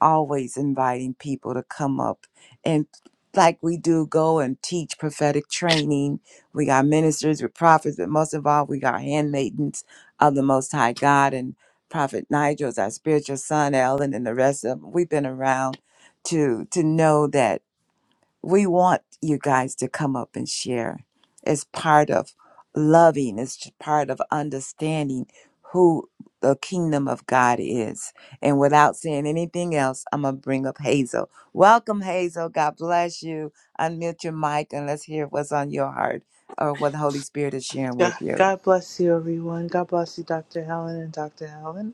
[SPEAKER 3] always inviting people to come up and like we do go and teach prophetic training. We got ministers with prophets, but most of all, we got handmaidens of the Most High God and Prophet Nigel's our spiritual son, Ellen, and the rest of them. We've been around to to know that we want you guys to come up and share. It's part of loving, it's j- part of understanding who the kingdom of God is. And without saying anything else, I'm going to bring up Hazel. Welcome, Hazel. God bless you. Unmute your mic and let's hear what's on your heart or what the Holy Spirit is sharing
[SPEAKER 10] God,
[SPEAKER 3] with you.
[SPEAKER 10] God bless you, everyone. God bless you, Dr. Helen and Dr. Helen,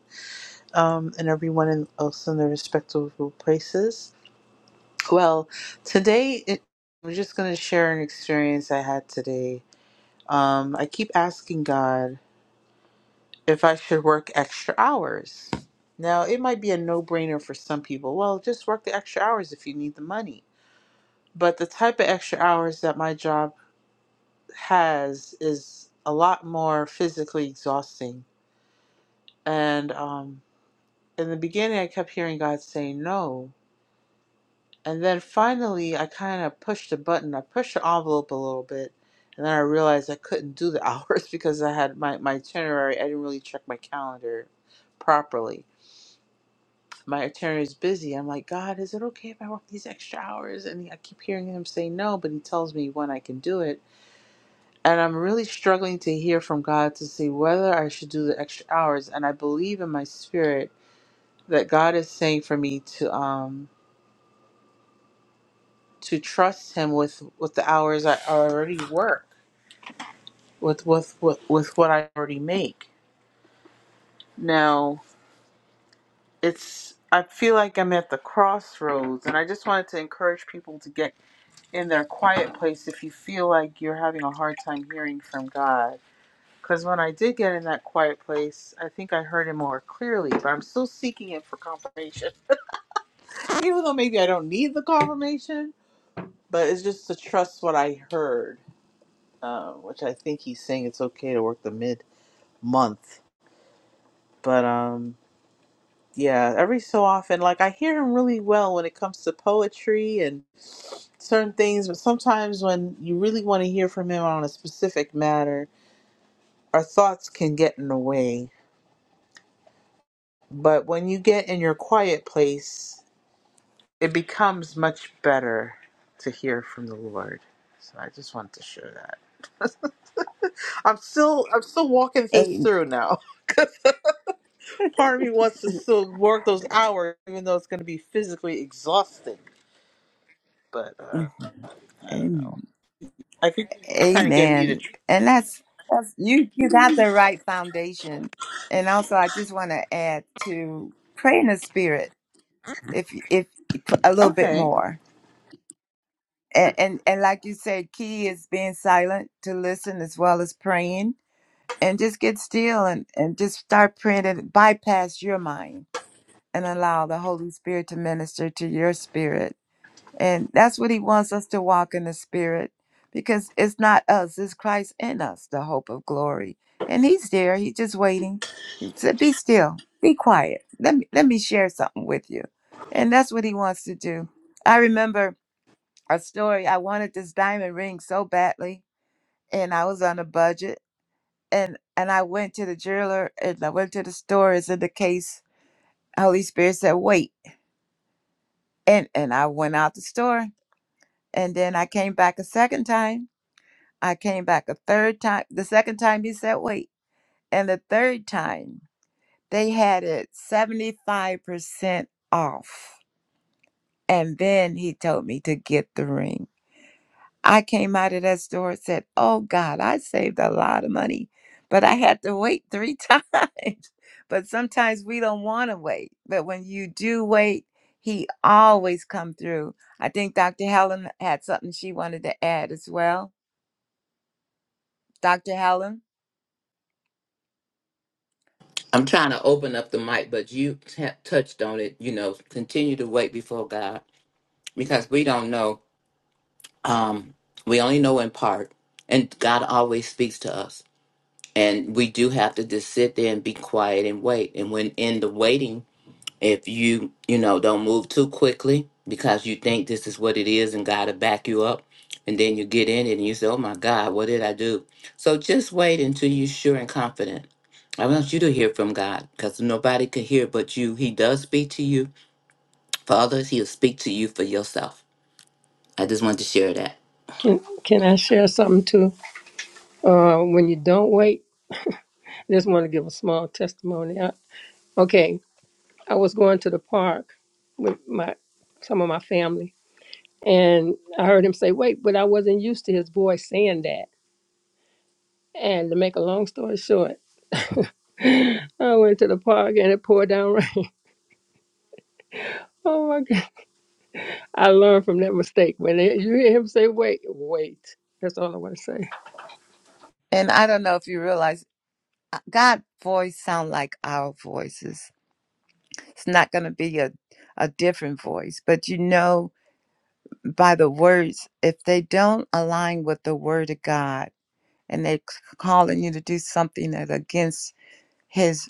[SPEAKER 10] um, and everyone in, else in their respectable places. Well, today it, I'm just going to share an experience I had today. Um, I keep asking God if I should work extra hours. Now, it might be a no brainer for some people. Well, just work the extra hours if you need the money. But the type of extra hours that my job has is a lot more physically exhausting. And, um, in the beginning, I kept hearing God say no. And then finally, I kind of pushed the button. I pushed the envelope a little bit. And then I realized I couldn't do the hours because I had my, my itinerary. I didn't really check my calendar properly. My itinerary is busy. I'm like, God, is it okay if I work these extra hours? And I keep hearing him say no, but he tells me when I can do it. And I'm really struggling to hear from God to see whether I should do the extra hours. And I believe in my spirit that God is saying for me to. Um, to trust him with with the hours I already work, with with with, with what I already make. Now it's I feel like I'm at the crossroads, and I just wanted to encourage people to get in their quiet place if you feel like you're having a hard time hearing from God. Because when I did get in that quiet place, I think I heard Him more clearly, but I'm still seeking it for confirmation. Even though maybe I don't need the confirmation, but it's just to trust what I heard uh, which I think he's saying it's okay to work the mid month. But um, yeah, every so often, like I hear him really well when it comes to poetry and certain things, but sometimes when you really want to hear from him on a specific matter, our thoughts can get in the way. But when you get in your quiet place, it becomes much better to hear from the Lord. So I just want to share that. I'm still I'm still walking this
[SPEAKER 3] Amen.
[SPEAKER 10] through now. part of me wants to still work those hours, even though it's going to be physically exhausting. But uh,
[SPEAKER 3] Mm-hmm.
[SPEAKER 10] I don't
[SPEAKER 3] Amen.
[SPEAKER 10] know. I think you're trying to get me to.
[SPEAKER 3] Amen.
[SPEAKER 10] Tr-
[SPEAKER 3] And that's, that's you you got the right foundation. And also I just want to add to pray in the spirit if if a little bit
[SPEAKER 10] okay.
[SPEAKER 3] more. And, and and like you said, key is being silent to listen as well as praying. And just get still and, and just start praying and bypass your mind and allow the Holy Spirit to minister to your spirit And that's what he wants us to walk in the spirit because it's not us, it's Christ in us, the hope of glory. And he's there, he's just waiting. He said, Be still, be quiet. Let me let me share something with you. And that's what he wants to do. I remember a story. I wanted this diamond ring so badly, and I was on a budget. And and I went to the jeweler and I went to the store as in the case. Holy Spirit said, Wait. And and I went out the store. And then I came back a second time I came back a third time. The second time he said, wait. And the third time they had it 75% off. And then he told me to get the ring. I came out of that store and said, oh God, I saved a lot of money, but I had to wait three times. But sometimes we don't want to wait. But when you do wait, he always come through. I think Dr. Helen had something she wanted to add as well. Dr. Helen?
[SPEAKER 1] I'm trying to open up the mic, but you t- touched on it. You know, continue to wait before God because we don't know. Um, we only know in part, and God always speaks to us, and we do have to just sit there and be quiet and wait. And when in the waiting, if you you know don't move too quickly because you think this is what it is and god will back you up and then you get in it and you say oh my god what did i do so just wait until you're sure and confident i want you to hear from god because nobody can hear but you he does speak to you for others he'll speak to you for yourself i just wanted to share that
[SPEAKER 5] Can, can I share something too? Uh, when you don't wait, I just want to give a small testimony. I, okay, I was going to the park with my some of my family, and I heard him say, "Wait," but I wasn't used to his voice saying that. And to make a long story short, I went to the park and it poured down rain. Oh my God. I learned from that mistake. When it- you hear him say, wait, wait. That's all I want to say.
[SPEAKER 3] And I don't know if you realize uh, God voice sound like our voices. It's not going to be a, a different voice, but you know by the words, if they don't align with the word of God and they're calling you to do something that's against his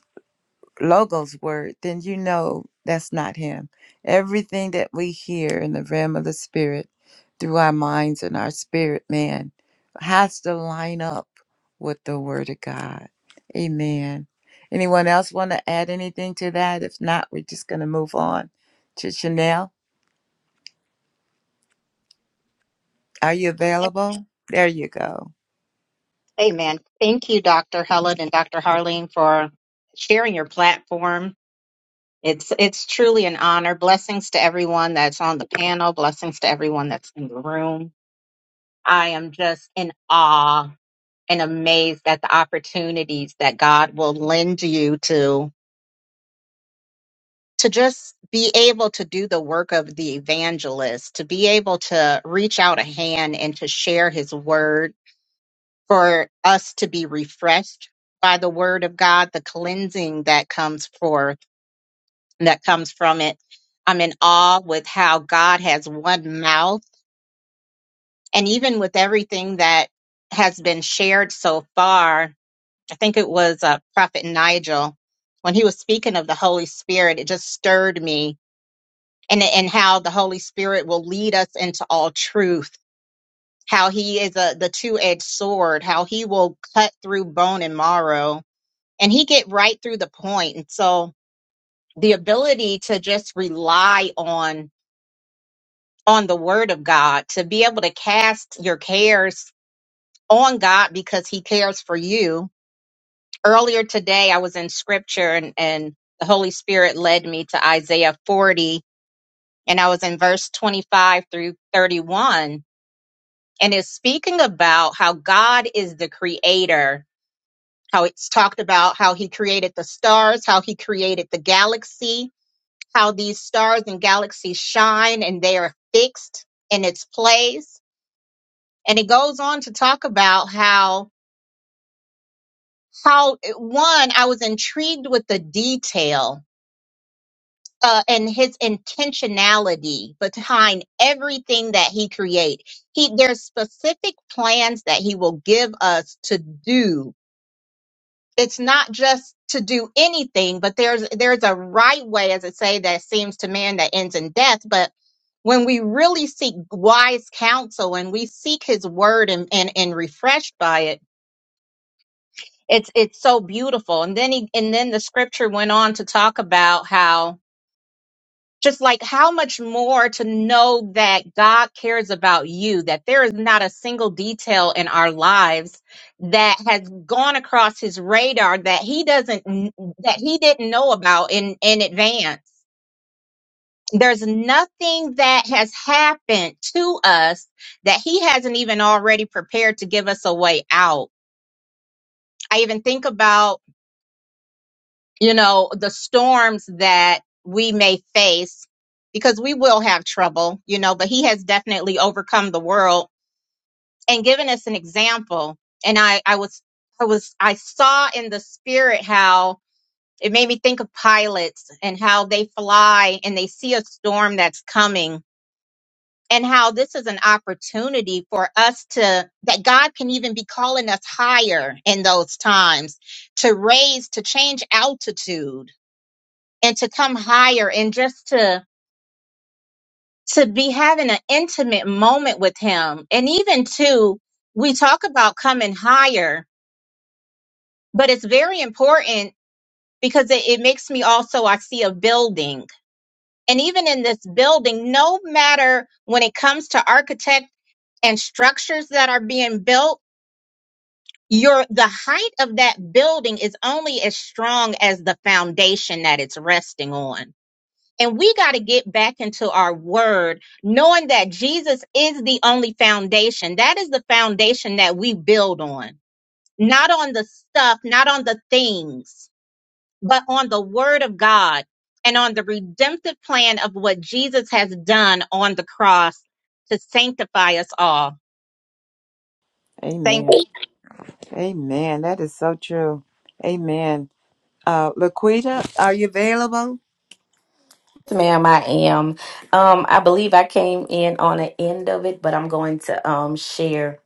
[SPEAKER 3] logos word, then you know that's not him. Everything that we hear in the realm of the spirit through our minds and our spirit man has to line up with the word of God. Amen. Anyone else want to add anything to that? If not, we're just going to move on to Chanel. Are you available? There you go.
[SPEAKER 11] Amen. Thank you, Dr. Helen and Dr. Harleen, for sharing your platform. It's it's truly an honor. Blessings to everyone that's on the panel. Blessings to everyone that's in the room. I am just in awe and amazed at the opportunities that God will lend you to to just be able to do the work of the evangelist, to be able to reach out a hand and to share his word for us to be refreshed by the word of God, the cleansing that comes forth, that comes from it. I'm in awe with how God has one mouth. And even with everything that has been shared so far, I think it was uh, Prophet Nigel, when he was speaking of the Holy Spirit, it just stirred me and, and how the Holy Spirit will lead us into all truth, how he is a, the two edged sword, how he will cut through bone and marrow and he get right through the point point. and so the ability to just rely on on the word of god to be able to cast your cares on god because he cares for you earlier today i was in scripture and and the holy spirit led me to isaiah 40 and i was in verse 25 through 31 and it's speaking about how god is the creator how it's talked about how he created the stars how he created the galaxy how these stars and galaxies shine and they are fixed in its place. And it goes on to talk about how, how one, I was intrigued with the detail uh, and his intentionality behind everything that he create. He, there's specific plans that he will give us to do it's not just to do anything, but there's there's a right way, as I say, that seems to man that ends in death. But when we really seek wise counsel and we seek his word and, and, and refreshed by it, it's it's so beautiful. And then he and then the scripture went on to talk about how just like how much more to know that God cares about you, that there is not a single detail in our lives that has gone across his radar that he doesn't that he didn't know about in in advance. There's nothing that has happened to us that he hasn't even already prepared to give us a way out. I even think about you know, the storms that we may face because we will have trouble, you know, but he has definitely overcome the world and given us an example. And I, I was, I was, I saw in the spirit how it made me think of pilots and how they fly and they see a storm that's coming and how this is an opportunity for us to, that God can even be calling us higher in those times to raise, to change altitude and to come higher and just to to be having an intimate moment with him and even too, we talk about coming higher but it's very important because it, it makes me also i see a building and even in this building no matter when it comes to architect and structures that are being built your the height of that building is only as strong as the foundation that it's resting on And we got to get back into our word, knowing that Jesus is the only foundation. That is the foundation that we build on, not on the stuff, not on the things, but on the word of God and on the redemptive plan of what Jesus has done on the cross to sanctify us all. Thank
[SPEAKER 3] Amen.
[SPEAKER 11] you.
[SPEAKER 3] Amen. That is so true. Amen. Uh, Laquita, are you available?
[SPEAKER 12] Yes, ma'am, I am. Um, I believe I came in on the end of it, but I'm going to um share.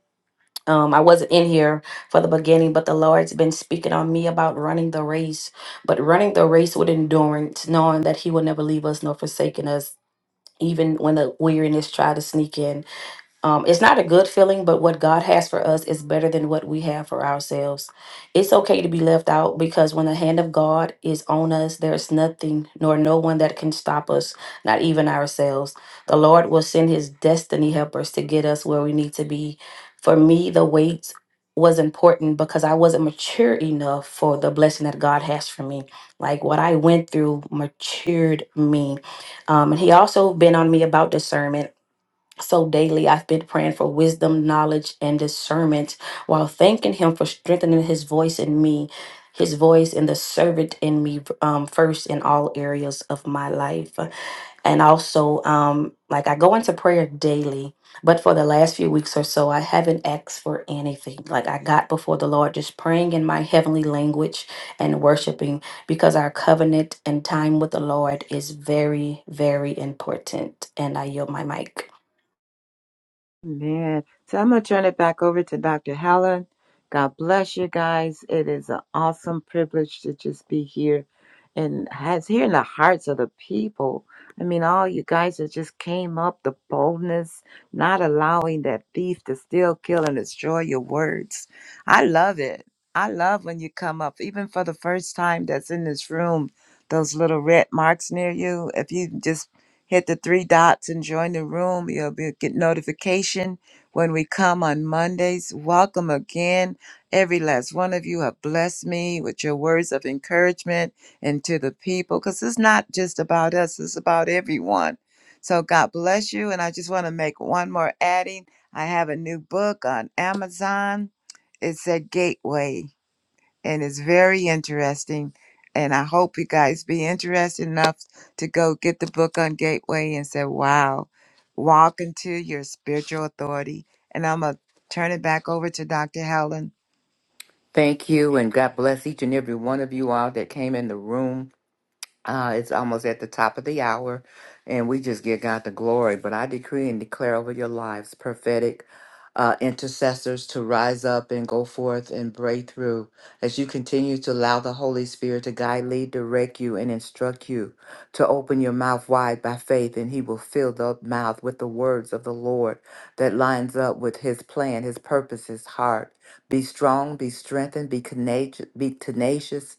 [SPEAKER 12] Um, I wasn't in here for the beginning, but the Lord's been speaking on me about running the race, but running the race with endurance, knowing that He will never leave us nor forsaken us, even when the weariness try to sneak in. Um, it's not a good feeling, but what God has for us is better than what we have for ourselves. It's okay to be left out because when the hand of God is on us, there's nothing nor no one that can stop us, not even ourselves. The Lord will send his destiny helpers to get us where we need to be. For me, the wait was important because I wasn't mature enough for the blessing that God has for me. Like what I went through matured me. Um, and he also been on me about discernment so daily, I've been praying for wisdom, knowledge, and discernment while thanking Him for strengthening His voice in me, His voice in the servant in me, um, first in all areas of my life. And also, um, like I go into prayer daily, but for the last few weeks or so, I haven't asked for anything. Like I got before the Lord just praying in my heavenly language and worshiping because our covenant and time with the Lord is very, very important. And I yield my mic.
[SPEAKER 3] Man, so I'm gonna turn it back over to Dr. Helen. God bless you guys. It is an awesome privilege to just be here and has here in the hearts of the people. I mean, all you guys that just came up, the boldness, not allowing that thief to steal, kill, and destroy your words. I love it. I love when you come up, even for the first time that's in this room, those little red marks near you. If you just hit the three dots and join the room. You'll be, get notification when we come on Mondays. Welcome again. Every last one of you have blessed me with your words of encouragement and to the people because it's not just about us, it's about everyone. So God bless you. And I just want to make one more adding. I have a new book on Amazon. It's a gateway and it's very interesting. And I hope you guys be interested enough to go get the book on Gateway and say, wow, walk into your spiritual authority. And I'm going to turn it back over to Dr. Helen
[SPEAKER 1] thank you and god bless each and every one of you all that came in the room Uh, it's almost at the top of the hour, and we just give God the glory. But I decree and declare over your lives, prophetic uh, intercessors, to rise up and go forth and break through as you continue to allow the Holy Spirit to guide, lead, direct you, and instruct you to open your mouth wide by faith, and He will fill the mouth with the words of the Lord that lines up with His plan, His purpose, His heart. Be strong, be strengthened, be tenacious, be tenacious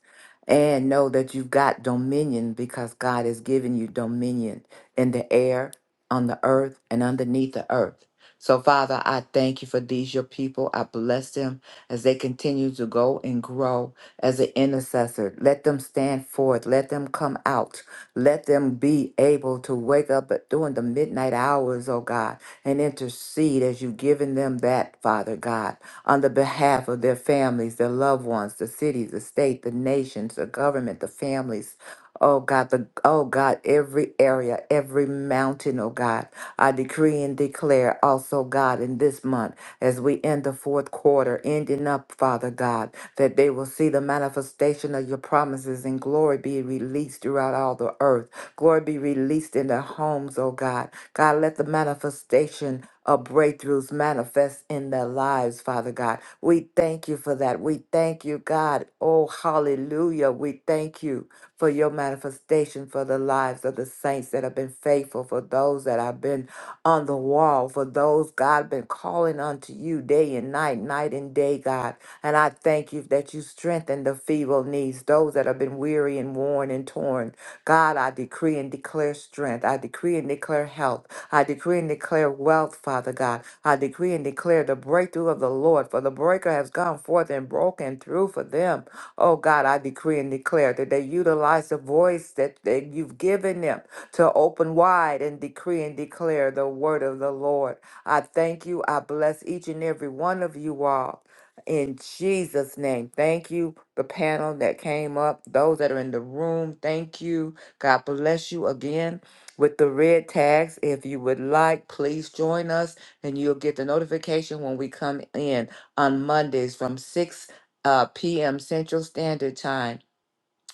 [SPEAKER 1] and know that you've got dominion because God has given you dominion in the air, on the earth, and underneath the earth. So, Father, I thank you for these, your people. I bless them as they continue to go and grow as an intercessor. Let them stand forth. Let them come out. Let them be able to wake up at- during the midnight hours, oh God, and intercede as you've given them that, Father God on the behalf of their families, their loved ones, the cities, the state, the nations, the government, the families. Oh God, the oh God, every area, every mountain, oh God. I decree and declare also, God, in this month, as we end the fourth quarter, ending up, Father God, that they will see the manifestation of your promises and glory be released throughout all the earth. Glory be released in their homes, oh God. God, let the manifestation uh, breakthroughs manifest in their lives, Father God. We thank you for that. We thank you, God. Oh, hallelujah. We thank you for your manifestation for the lives of the saints that have been faithful, for those that have been on the wall, for those, God, been calling unto you day and night, night and day, God. And I thank you that you strengthen the feeble knees, those that have been weary and worn and torn. God, I decree and declare strength. I decree and declare health. I decree and declare wealth, Father God. I decree and declare the breakthrough of the Lord, for the breaker has gone forth and broken through for them. Oh God, I decree and declare that they utilize the voice that, that you've given them to open wide and decree and declare the word of the Lord. I thank you. I bless each and every one of you all in Jesus' name. Thank you, the panel that came up, those that are in the room. Thank you. God bless you again with the red tags. If you would like, please join us and you'll get the notification when we come in on Mondays from 6 uh, p.m. Central Standard Time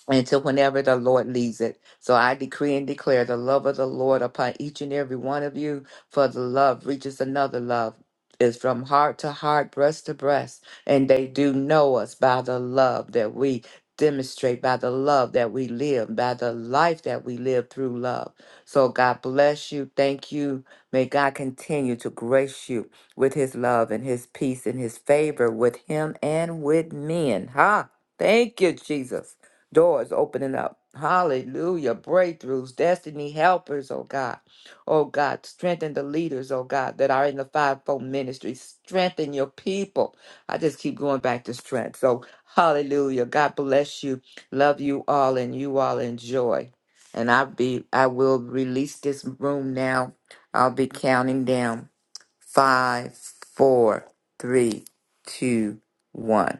[SPEAKER 1] until whenever the Lord leads it. So I decree and declare the love of the Lord upon each and every one of you, for the love reaches another love. Is from heart to heart, breast to breast, and they do know us by the love that we demonstrate, by the love that we live, by the life that we live through love. So God bless you. Thank you. May God continue to grace you with his love and his peace and his favor with him and with men. Ha! Thank you, Jesus doors opening up. Hallelujah. Breakthroughs, destiny helpers, oh God. Oh God, strengthen the leaders, oh God, that are in the fivefold ministry. Strengthen your people. I just keep going back to strength. So, hallelujah. God bless you. Love you all and you all enjoy. And I be I will release this room now. I'll be counting down. Five, four, three, two, one.